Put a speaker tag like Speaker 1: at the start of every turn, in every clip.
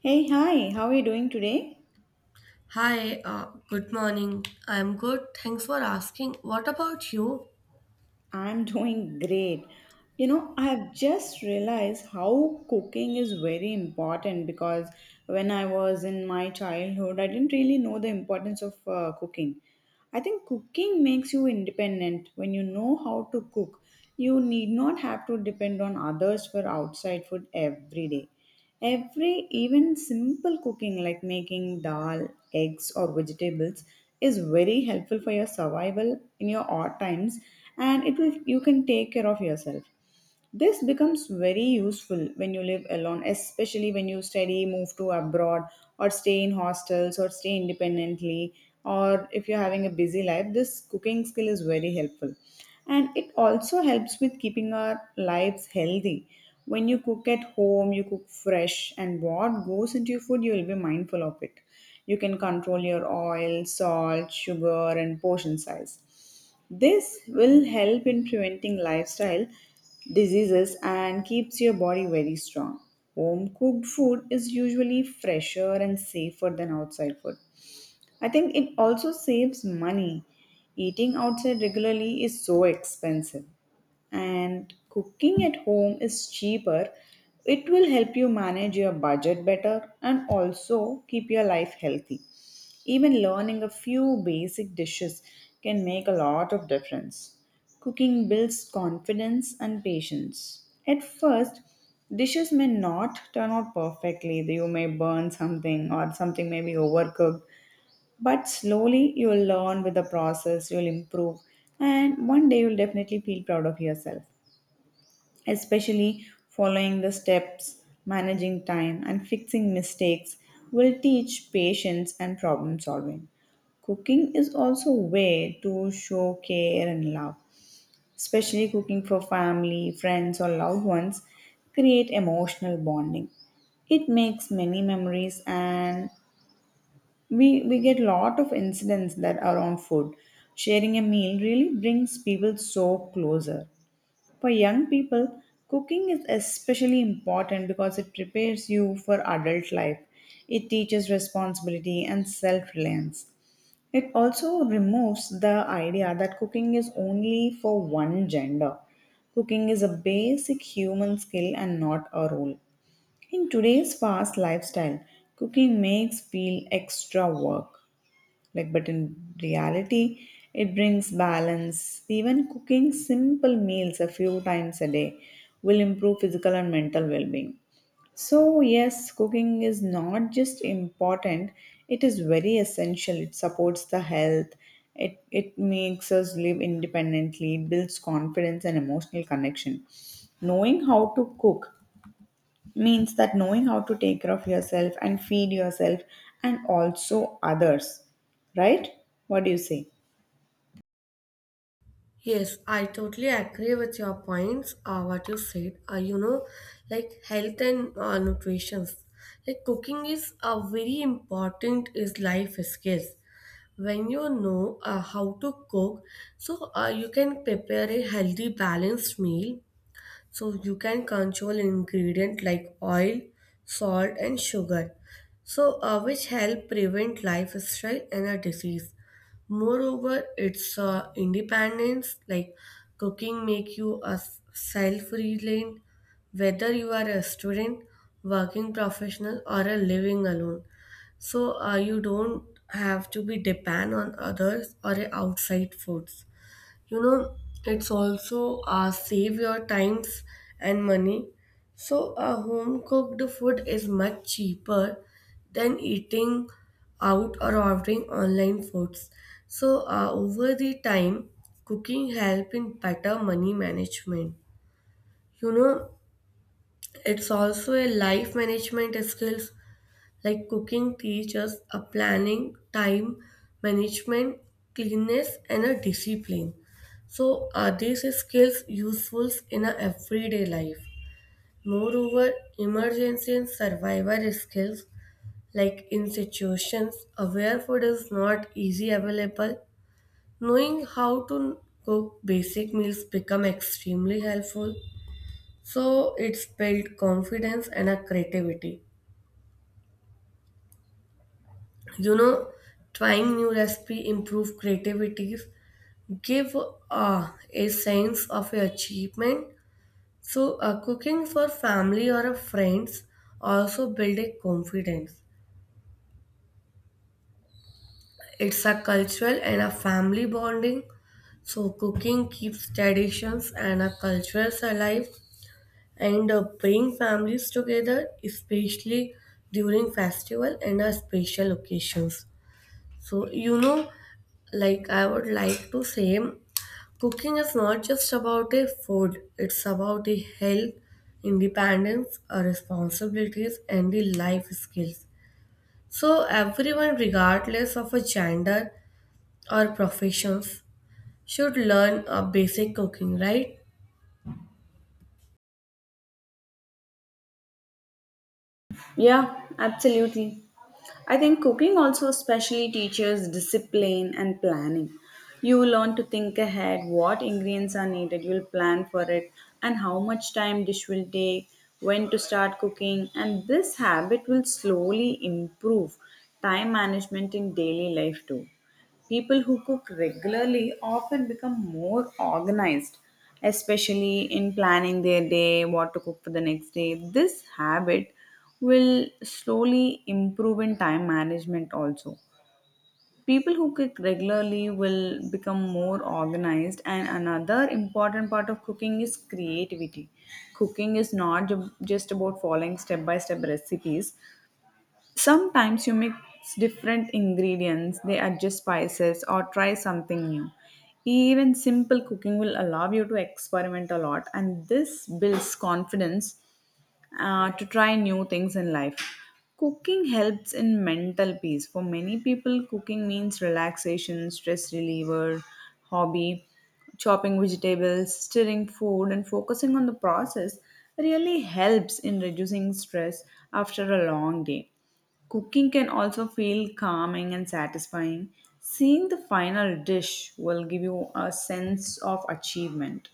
Speaker 1: Hey, hi, how are you doing today?
Speaker 2: Hi, good morning. I'm good. Thanks for asking. What about you?
Speaker 1: I'm doing great. You know, I've just realized how cooking is very important because when I was in my childhood, I didn't really know the importance of cooking. I think cooking makes you independent when you know how to cook. You need not have to depend on others for outside food every day. Even simple cooking like making dal, eggs, or vegetables is very helpful for your survival in your odd times, and it will you can take care of yourself. This becomes very useful when you live alone, especially when you study, move to abroad, or stay in hostels, or stay independently, or if you're having a busy life. This cooking skill is very helpful. And it also helps with keeping our lives healthy. When you cook at home, you cook fresh, and what goes into your food, you will be mindful of it. You can control your oil, salt, sugar, and portion size. This will help in preventing lifestyle diseases and keeps your body very strong. Home cooked food is usually fresher and safer than outside food. I think it also saves money. Eating outside regularly is so expensive, and cooking at home is cheaper. It will help you manage your budget better and also keep your life healthy. Even learning a few basic dishes can make a lot of difference. Cooking builds confidence and patience. At first, dishes may not turn out perfectly. You may burn something or something may be overcooked. But slowly, you will learn with the process, you will improve, and one day you will definitely feel proud of yourself especially following the steps, managing time, and fixing mistakes, will teach patience and problem solving. Cooking is also a way to show care and love, especially cooking for family, friends, or loved ones, create emotional bonding. It makes many memories, and we get lot of incidents that are on food. Sharing a meal really brings people so closer. For young people, cooking is especially important because it prepares you for adult life. It teaches responsibility and self reliance. It also removes the idea that cooking is only for one gender. Cooking is a basic human skill and not a role. In today's fast lifestyle, cooking makes feel extra work. Like, but in reality, it brings balance. Even cooking simple meals a few times a day will improve physical and mental well being. So, yes, cooking is not just important, it is very essential. It supports the health, it makes us live independently, it builds confidence and emotional connection. Knowing how to cook means that knowing how to take care of yourself and feed yourself and also others, right? What do you say?
Speaker 2: Yes, I totally agree with your points. What you said, like health and nutrition. Like cooking is a very important is life skills. When you know how to cook, so you can prepare a healthy, balanced meal. So you can control ingredient like oil, salt, and sugar. So which help prevent lifestyle and a disease. Moreover, it's independence like cooking make you a self-reliant, whether you are a student, working professional or a living alone. So you don't have to be depend on others or outside foods, you know. It's also save your times and money, so a home cooked food is much cheaper than eating out or ordering online foods. So over the time cooking help in better money management, you know. It's also a life management skills, like cooking teaches a planning, time management, cleanness, and a discipline. So these skills useful in a everyday life. Moreover, emergency and survival skills like in situations where food is not easy available, knowing how to cook basic meals become extremely helpful. So it's built confidence and a creativity. You know, trying new recipe improve creativities, give a sense of achievement. So cooking for family or friends also build a confidence. It's a cultural and a family bonding, so cooking keeps traditions and a cultures alive and bring families together, especially during festival and special occasions. So, you know, like I would like to say, cooking is not just about a food, it's about the health, independence, our responsibilities, and the life skills. So, everyone, regardless of a gender or professions, should learn a basic cooking, right?
Speaker 1: Yeah, absolutely. I think cooking also especially teaches discipline and planning. You will learn to think ahead, what ingredients are needed, you'll plan for it, and how much time dish will take, when to start cooking, and this habit will slowly improve time management in daily life too. People who cook regularly often become more organized, especially in planning their day, what to cook for the next day. This habit will slowly improve in time management also. People who cook regularly will become more organized, and another important part of cooking is creativity. Cooking is not just about following step by step recipes. Sometimes you mix different ingredients, they adjust spices, or try something new. Even simple cooking will allow you to experiment a lot, and this builds confidence to try new things in life. Cooking helps in mental peace. For many people, cooking means relaxation, stress reliever, hobby, chopping vegetables, stirring food, and focusing on the process really helps in reducing stress after a long day. Cooking can also feel calming and satisfying. Seeing the final dish will give you a sense of achievement.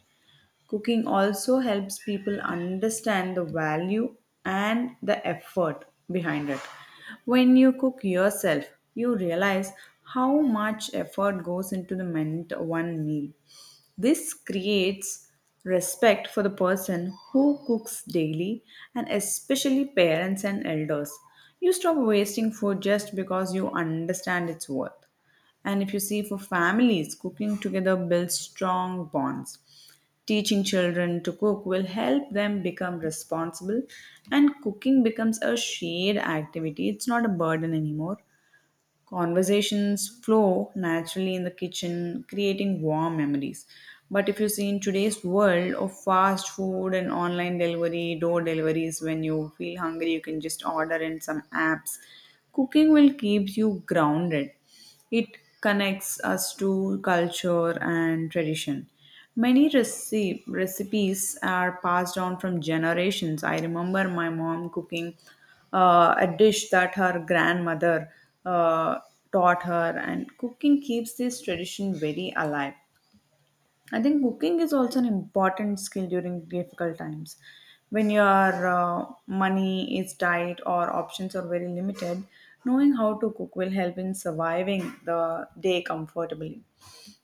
Speaker 1: Cooking also helps people understand the value and the effort behind it. When you cook yourself, you realize how much effort goes into the meant one meal. This creates respect for the person who cooks daily and especially parents and elders. You stop wasting food just because you understand its worth. And if you see for families, cooking together builds strong bonds. Teaching children to cook will help them become responsible, and cooking becomes a shared activity. It's not a burden anymore. Conversations flow naturally in the kitchen, creating warm memories. But if you see in today's world of fast food and online delivery, door deliveries, when you feel hungry, you can just order in some apps. Cooking will keep you grounded, it connects us to culture and tradition. Many recipes are passed on from generations. I remember my mom cooking a dish that her grandmother uh, taught her, and cooking keeps this tradition very alive. I think cooking is also an important skill during difficult times. When your money is tight or options are very limited, knowing how to cook will help in surviving the day comfortably.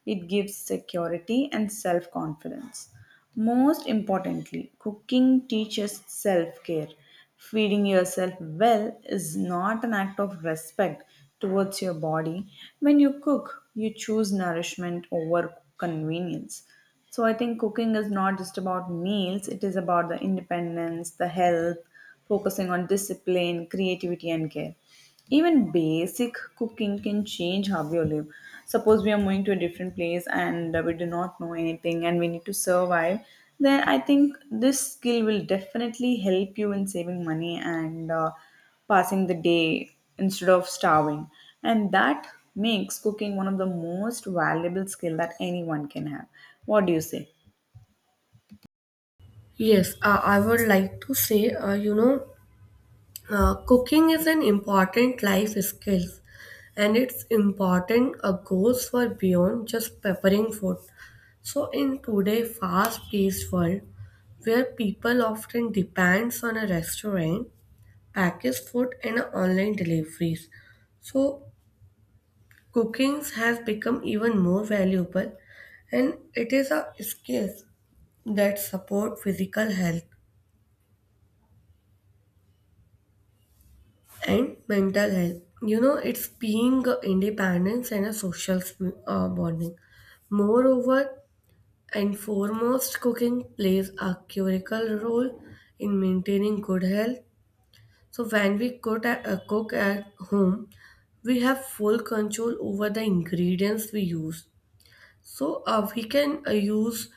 Speaker 1: It gives security and self confidence. Most importantly, cooking teaches self care. Feeding yourself well is not an act of respect towards your body. When you cook, you choose nourishment over convenience. So I think cooking is not just about meals, it is about the independence, the health, focusing on discipline, creativity, and care. Even basic cooking can change how we live. Suppose we are moving to a different place and we do not know anything and we need to survive, then I think this skill will definitely help you in saving money and passing the day instead of starving. And that makes cooking one of the most valuable skill that anyone can have. What do you say?
Speaker 2: Yes, I would like to say, cooking is an important life skill, and it's important goes for beyond just preparing food. So in today fast-paced world where people often depends on a restaurant, packaged food and online deliveries. So cooking has become even more valuable, and it is a skill that support physical health and mental health. You know, it's being a independence and a social bonding. Moreover, and foremost, cooking plays a critical role in maintaining good health. So, when we cook at home, we have full control over the ingredients we use. So, we can use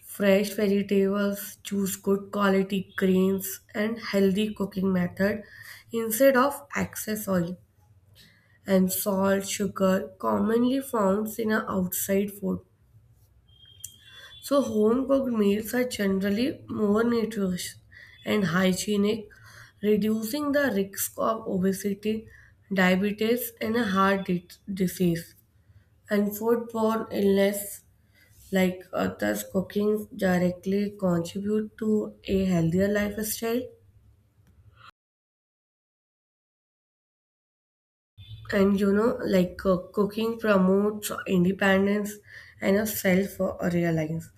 Speaker 2: fresh vegetables, choose good quality grains, and healthy cooking method instead of excess oil and salt, sugar commonly found in our outside food. So home cooked meals are generally more nutritious and hygienic, reducing the risk of obesity, diabetes, and a heart disease. And foodborne illness like others cooking directly contribute to a healthier lifestyle. And, you know, like cooking promotes independence and a self reliance.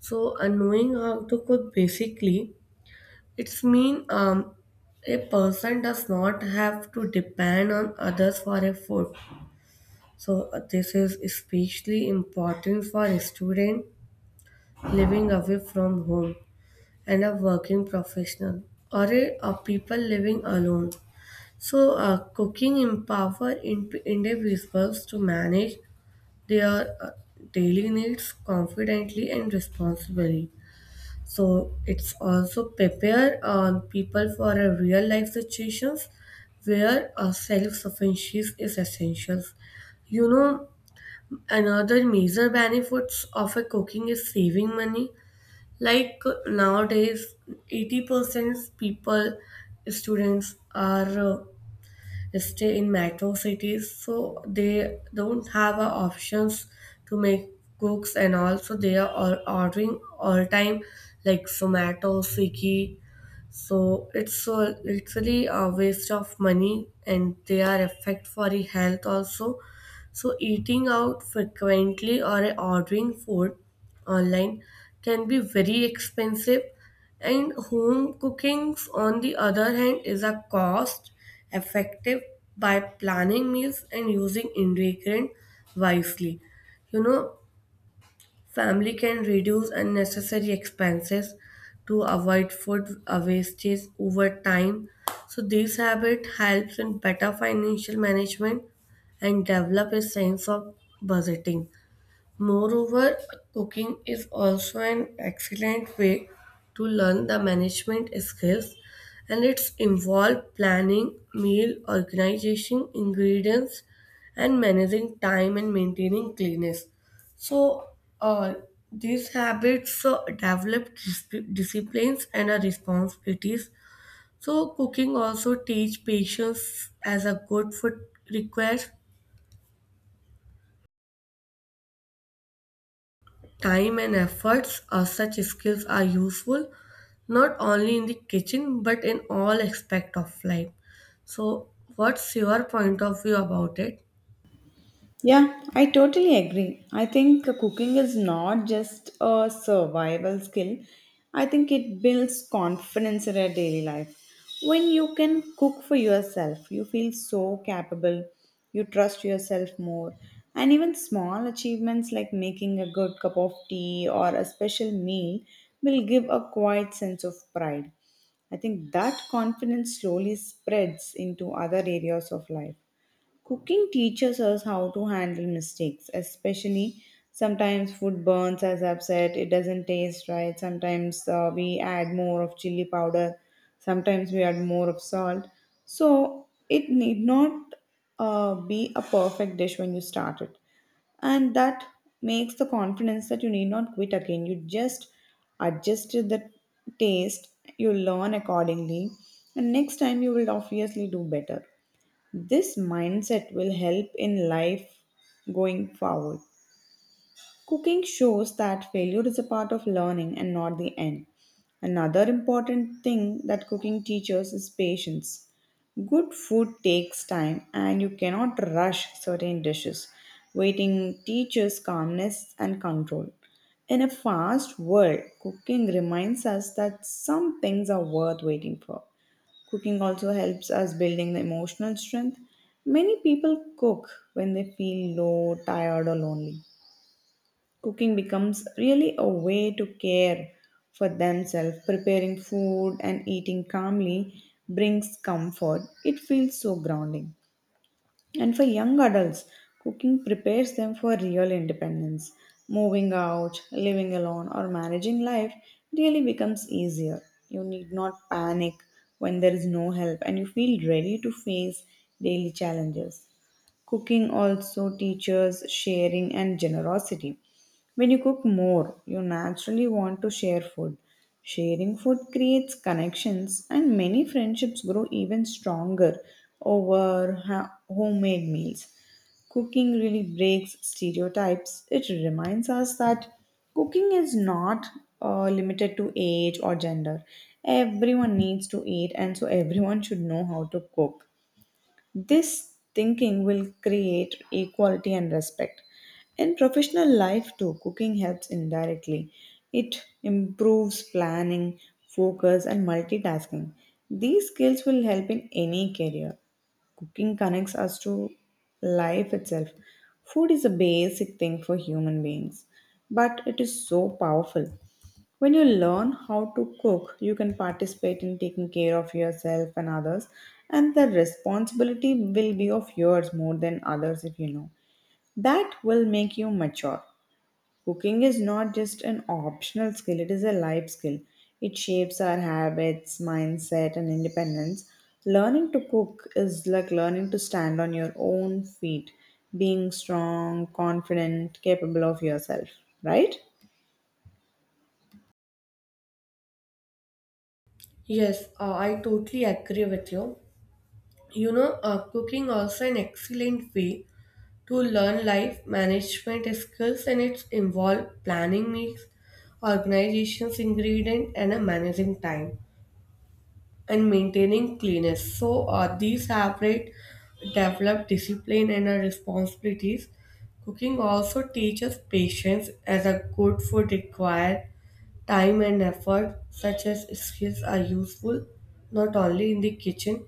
Speaker 2: So knowing how to cook basically, it's mean a person does not have to depend on others for a food. So this is especially important for a student living away from home, and a working professional or a people living alone. So cooking empower individuals to manage their daily needs confidently and responsibly. So it's also prepare people for a real life situations where a self sufficiency is essential. You know, another major benefits of a cooking is saving money. Like nowadays, 80% people, students are stay in metro cities, so they don't have options to make cooks, and also they are all ordering all time, like Zomato, Swiggy. So it's so literally a waste of money and they are effect for the health also. So eating out frequently or ordering food online can be very expensive, and home cooking, on the other hand, is a cost effective by planning meals and using ingredients wisely. You know, family can reduce unnecessary expenses to avoid food wastage over time. So this habit helps in better financial management and develop a sense of budgeting. Moreover, cooking is also an excellent way to learn the management skills, and it's involved planning, meal organization, ingredients, and managing time and maintaining cleanness. So, uh, these habits develop disciplines and responsibilities. So, cooking also teach patience as a good food requires time and efforts of such skills are useful not only in the kitchen but in all aspect of life. So, what's your point of view about it?
Speaker 1: Yeah, I totally agree. I think cooking is not just a survival skill. I think it builds confidence in our daily life. When you can cook for yourself, you feel so capable, you trust yourself more. And even small achievements like making a good cup of tea or a special meal will give a quiet sense of pride. I think that confidence slowly spreads into other areas of life. Cooking teaches us how to handle mistakes, especially sometimes food burns, as I've said, it doesn't taste right. Sometimes we add more of chili powder, sometimes we add more of salt. So it need not be a perfect dish when you start it. And that makes the confidence that you need not quit again. You just adjust the taste, you learn accordingly, and next time you will obviously do better. This mindset will help in life going forward. Cooking shows that failure is a part of learning and not the end. Another important thing that cooking teaches is patience. Good food takes time and you cannot rush certain dishes. Waiting teaches calmness and control. In a fast world, cooking reminds us that some things are worth waiting for. Cooking also helps us building the emotional strength. Many people cook when they feel low, tired, or lonely. Cooking becomes really a way to care for themselves. Preparing food and eating calmly brings comfort. It feels so grounding. And for young adults, cooking prepares them for real independence. Moving out, living alone, or managing life really becomes easier. You need not panic when there is no help and you feel ready to face daily challenges. Cooking also teaches sharing and generosity. When you cook more, you naturally want to share food. Sharing food creates connections, and many friendships grow even stronger over homemade meals. Cooking really breaks stereotypes. It reminds us that cooking is not limited to age or gender. Everyone needs to eat, and so everyone should know how to cook. This thinking will create equality and respect. In professional life, too, cooking helps indirectly. It improves planning, focus, and multitasking. These skills will help in any career. Cooking connects us to life itself. Food is a basic thing for human beings, but it is so powerful. When you learn how to cook, you can participate in taking care of yourself and others, and the responsibility will be of yours more than others if you know. That will make you mature. Cooking is not just an optional skill, it is a life skill. It shapes our habits, mindset, and independence. Learning to cook is like learning to stand on your own feet, being strong, confident, capable of yourself, right?
Speaker 2: Yes, I totally agree with you. You know, cooking also an excellent way to learn life management skills, and it's involve planning meals, organizations, ingredient, and managing time and maintaining cleanness. So these separate develop discipline and responsibilities. Cooking also teaches patience as a good food requires time and effort such as skills are useful not only in the kitchen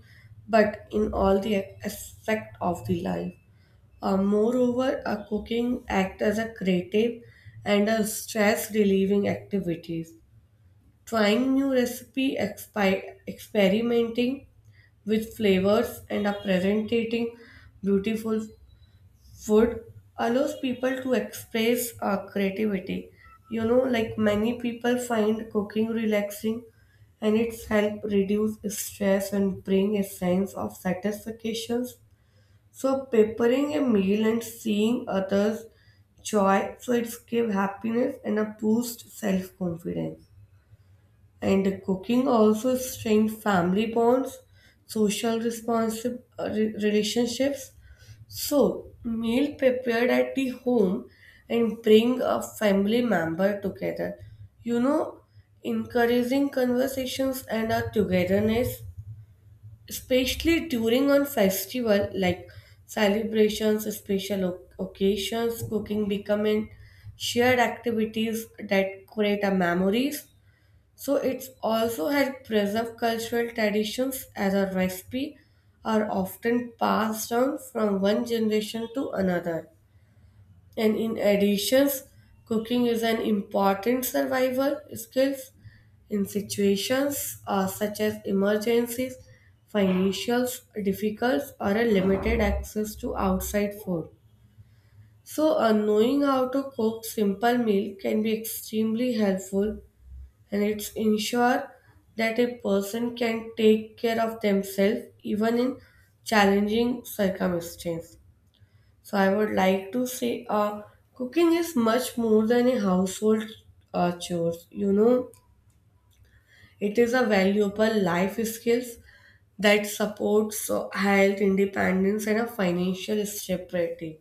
Speaker 2: but in all the aspect of the life. Moreover, a cooking act as a creative and a stress relieving activities, trying new recipe, experimenting with flavors, and are presenting beautiful food allows people to express creativity. You know, like many people find cooking relaxing, and it's help reduce stress and bring a sense of satisfaction. So preparing a meal and seeing others joy, so it's give happiness and a boost self confidence. And cooking also strengthens family bonds, social relationships. So, meal prepared at the home and bring a family member together. You know, encouraging conversations and a togetherness, especially during on festival like celebrations, special occasions, cooking becoming shared activities that create a memories. So it's also helped preserve cultural traditions as our recipe are often passed down from one generation to another. And in addition, cooking is an important survival skill in situations such as emergencies, financial difficulties, or a limited access to outside food. So, knowing how to cook simple meal can be extremely helpful and it's ensure that a person can take care of themselves even in challenging circumstances. So I would like to say, cooking is much more than a household chores. You know, it is a valuable life skills that supports health, independence, and a financial stability.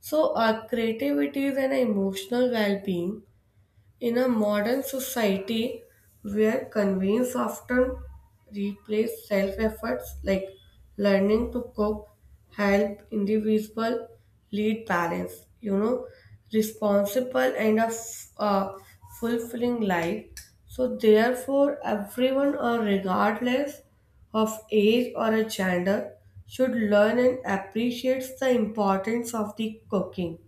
Speaker 2: So, creativity and emotional well-being in a modern society where convenience often replaces self efforts, like learning to cook, help individual lead balance, you know, responsible and a fulfilling life. So, therefore, everyone, regardless of age or a gender, should learn and appreciate the importance of the cooking.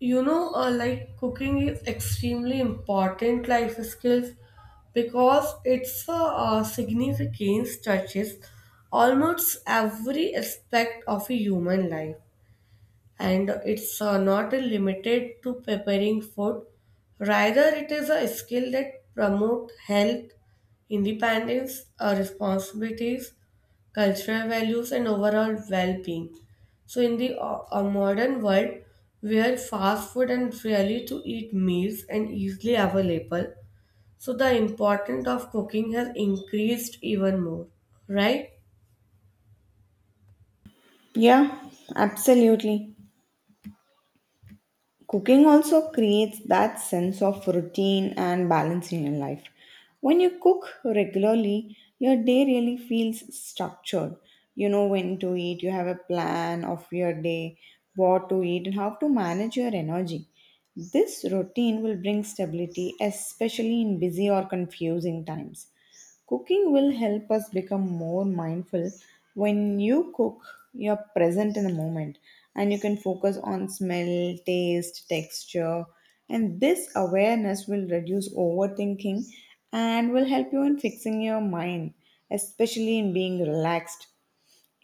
Speaker 2: You know, like cooking is extremely important life skills because it's significance touches almost every aspect of a human life, and it's not limited to preparing food, rather it is a skill that promote health, independence, responsibilities, cultural values and overall well-being. So in the modern world, where fast food and rarely to eat meals and easily available, so the importance of cooking has increased even more, right?
Speaker 1: Yeah, absolutely. Cooking also creates that sense of routine and balance in your life. When you cook regularly, your day really feels structured. You know when to eat, you have a plan of your day, what to eat, and how to manage your energy. This routine will bring stability, especially in busy or confusing times. Cooking will help us become more mindful. When you cook, you're present in the moment and you can focus on smell, taste, texture. And this awareness will reduce overthinking and will help you in fixing your mind, especially in being relaxed.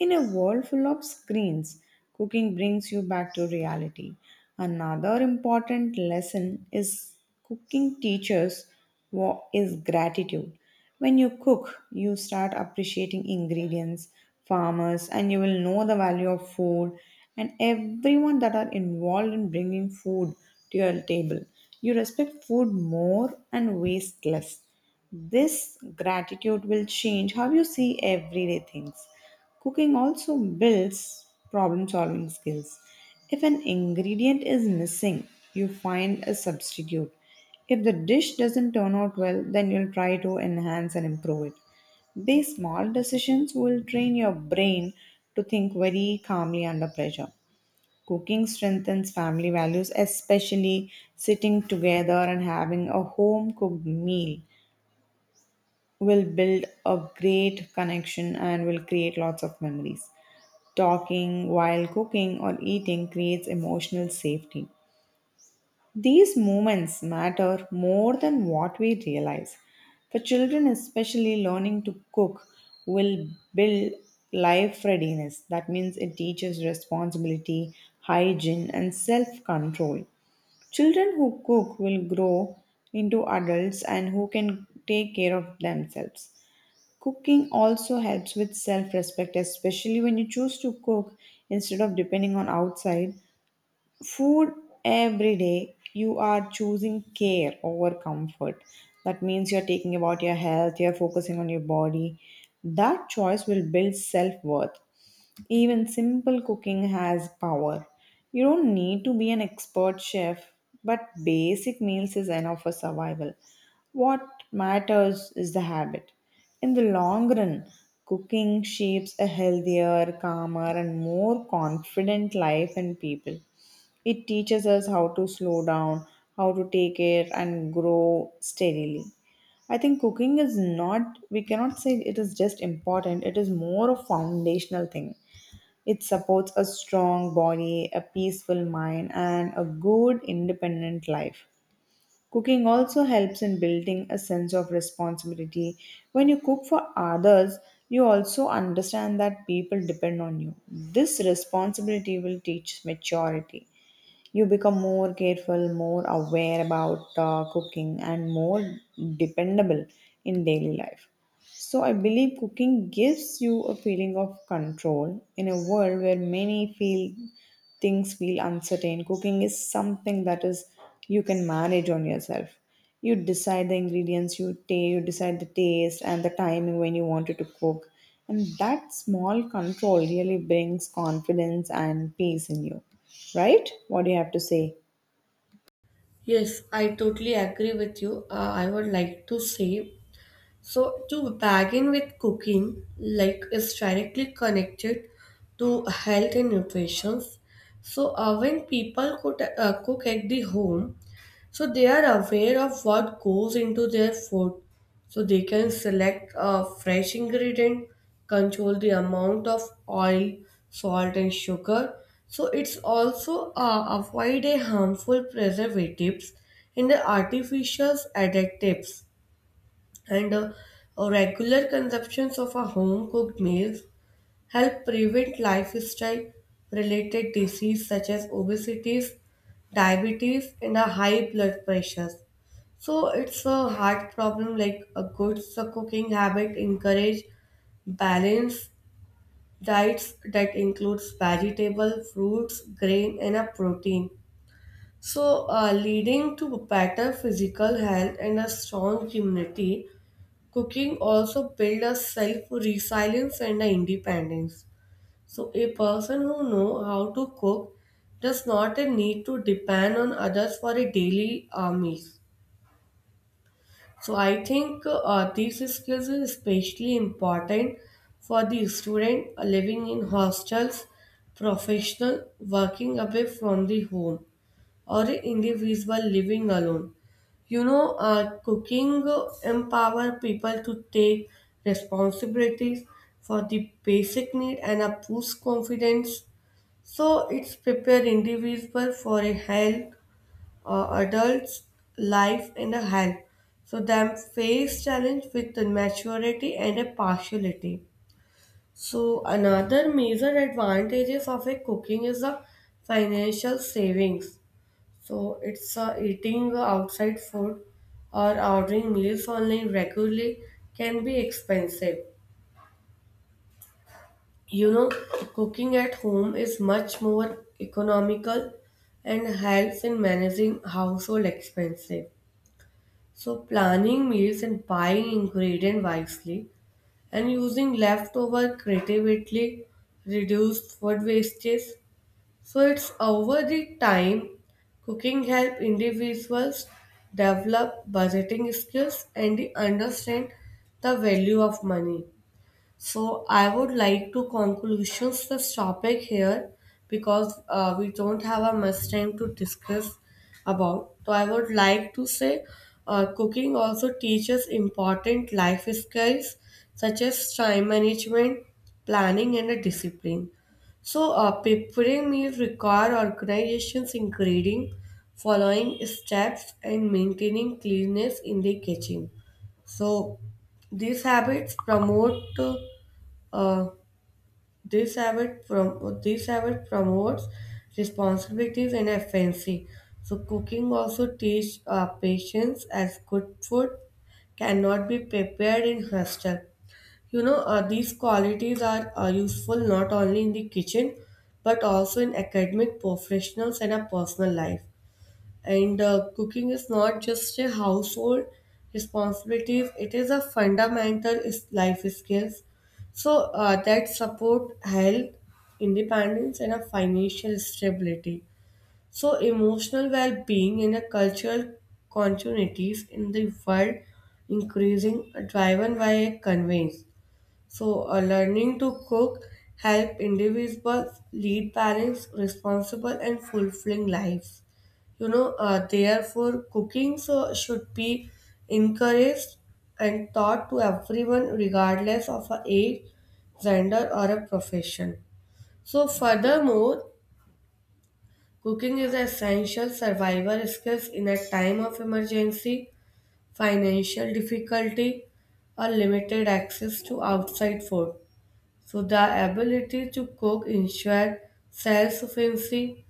Speaker 1: In a world full of screens, cooking brings you back to reality. Another important lesson is cooking teaches what is gratitude. When you cook, you start appreciating ingredients, farmers, and you will know the value of food and everyone that are involved in bringing food to your table. You respect food more and waste less. This gratitude will change how you see everyday things. Cooking also builds problem solving skills. If an ingredient is missing, you find a substitute. If the dish doesn't turn out well, then you'll try to enhance and improve it. These small decisions will train your brain to think very calmly under pressure. Cooking strengthens family values, especially sitting together and having a home cooked meal will build a great connection and will create lots of memories. Talking while cooking or eating creates emotional safety. These moments matter more than what we realize. For children, especially, learning to cook will build life readiness. That means it teaches responsibility, hygiene, and self control. Children who cook will grow into adults and who can take care of themselves. Cooking also helps with self respect, especially when you choose to cook instead of depending on outside. Food every day, you are choosing care over comfort. That means you're taking about your health, you're focusing on your body. That choice will build self worth. Even simple cooking has power. You don't need to be an expert chef, but basic meals is enough for survival. What matters is the habit. In the long run, cooking shapes a healthier, calmer, and more confident life in people. It teaches us how to slow down, how to take care, and grow steadily. I think cooking is not, we cannot say it is just important, it is more a foundational thing. It supports a strong body, a peaceful mind, and a good independent life. Cooking also helps in building a sense of responsibility. When you cook for others, you also understand that people depend on you. This responsibility will teach maturity, you become more careful, more aware about cooking, and more dependable in daily life. So, I believe cooking gives you a feeling of control in a world where many feel things feel uncertain. Cooking is something that is you can manage on yourself. You decide the ingredients, you decide the taste and the timing when you wanted to cook. And that small control really brings confidence and peace in you. Right? What do you have to say?
Speaker 2: Yes, I totally agree with you. I would like to say, so, to begin with, cooking like is directly connected to health and nutrition. So, when people cook, cook at the home, so they are aware of what goes into their food. So they can select a fresh ingredient, control the amount of oil, salt, and sugar. So it's also avoid a harmful preservatives and the artificial additives, and regular consumptions of a home cooked meals help prevent lifestyle related disease such as obesities, diabetes and a high blood pressures. So it's a heart problem, like a good cooking habit encourage balanced diets that includes vegetable fruits grain and a protein, so leading to better physical health and a strong immunity. Cooking also builds a self resilience and a independence. So a person who know how to cook does not a need to depend on others for a daily meals. So I think these skills are especially important for the student living in hostels, professional working away from the home, or individual living alone. You know, cooking empower people to take responsibilities for the basic need and a boost confidence. So it's prepare individual for a health adult's life and a health. So them face challenge with the maturity and a partiality. So another major advantages of a cooking is the financial savings. So it's eating outside food or ordering meals online regularly can be expensive. You know, cooking at home is much more economical and helps in managing household expenses. So planning meals and buying ingredients wisely and using leftover creatively reduce food wastage. So it's over the time cooking help individuals develop budgeting skills and they understand the value of money. So I would like to conclusions this topic here because we don't have a much time to discuss about. So I would like to say, cooking also teaches important life skills such as time management, planning and a discipline. So preparing meals require organizations including following steps and maintaining cleanness in the kitchen. So these habits promote uh, this habit promotes responsibilities and efficiency. So cooking also teach patience as good food cannot be prepared in hostel. You know, these qualities are useful not only in the kitchen but also in academic, professionals, and a personal life. And cooking is not just a household responsibility, it is a fundamental life skills. So that support health, independence, and a financial stability. So emotional well-being in a cultural continuities in the world increasing are driven by a conveyance. So learning to cook help individuals lead balanced, responsible, and fulfilling lives. You know, therefore cooking so should be encouraged and taught to everyone, regardless of a age, gender or a profession. So furthermore, cooking is an essential survival skills in a time of emergency, financial difficulty or limited access to outside food. So the ability to cook ensure self-sufficiency.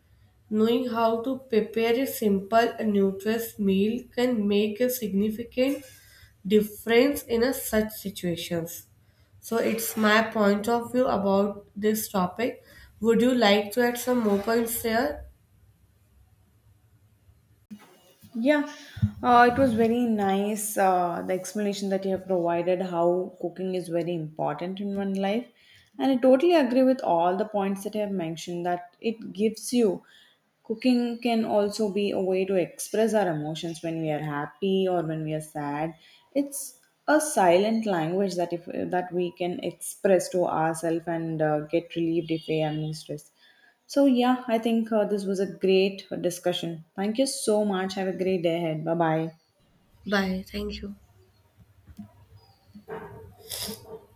Speaker 2: Knowing how to prepare a simple and nutritious meal can make a significant difference in a such situations. So it's my point of view about this topic. Would you like to add some more points there?
Speaker 1: Yeah, it was very nice. The explanation that you have provided how cooking is very important in one life, and I totally agree with all the points that you have mentioned. That it gives you cooking can also be a way to express our emotions when we are happy or when we are sad. It's a silent language that if that we can express to ourselves and get relieved if we are under stress. So, yeah, I think this was a great discussion. Thank you so much. Have a great day ahead. Bye bye.
Speaker 2: Bye. Thank you.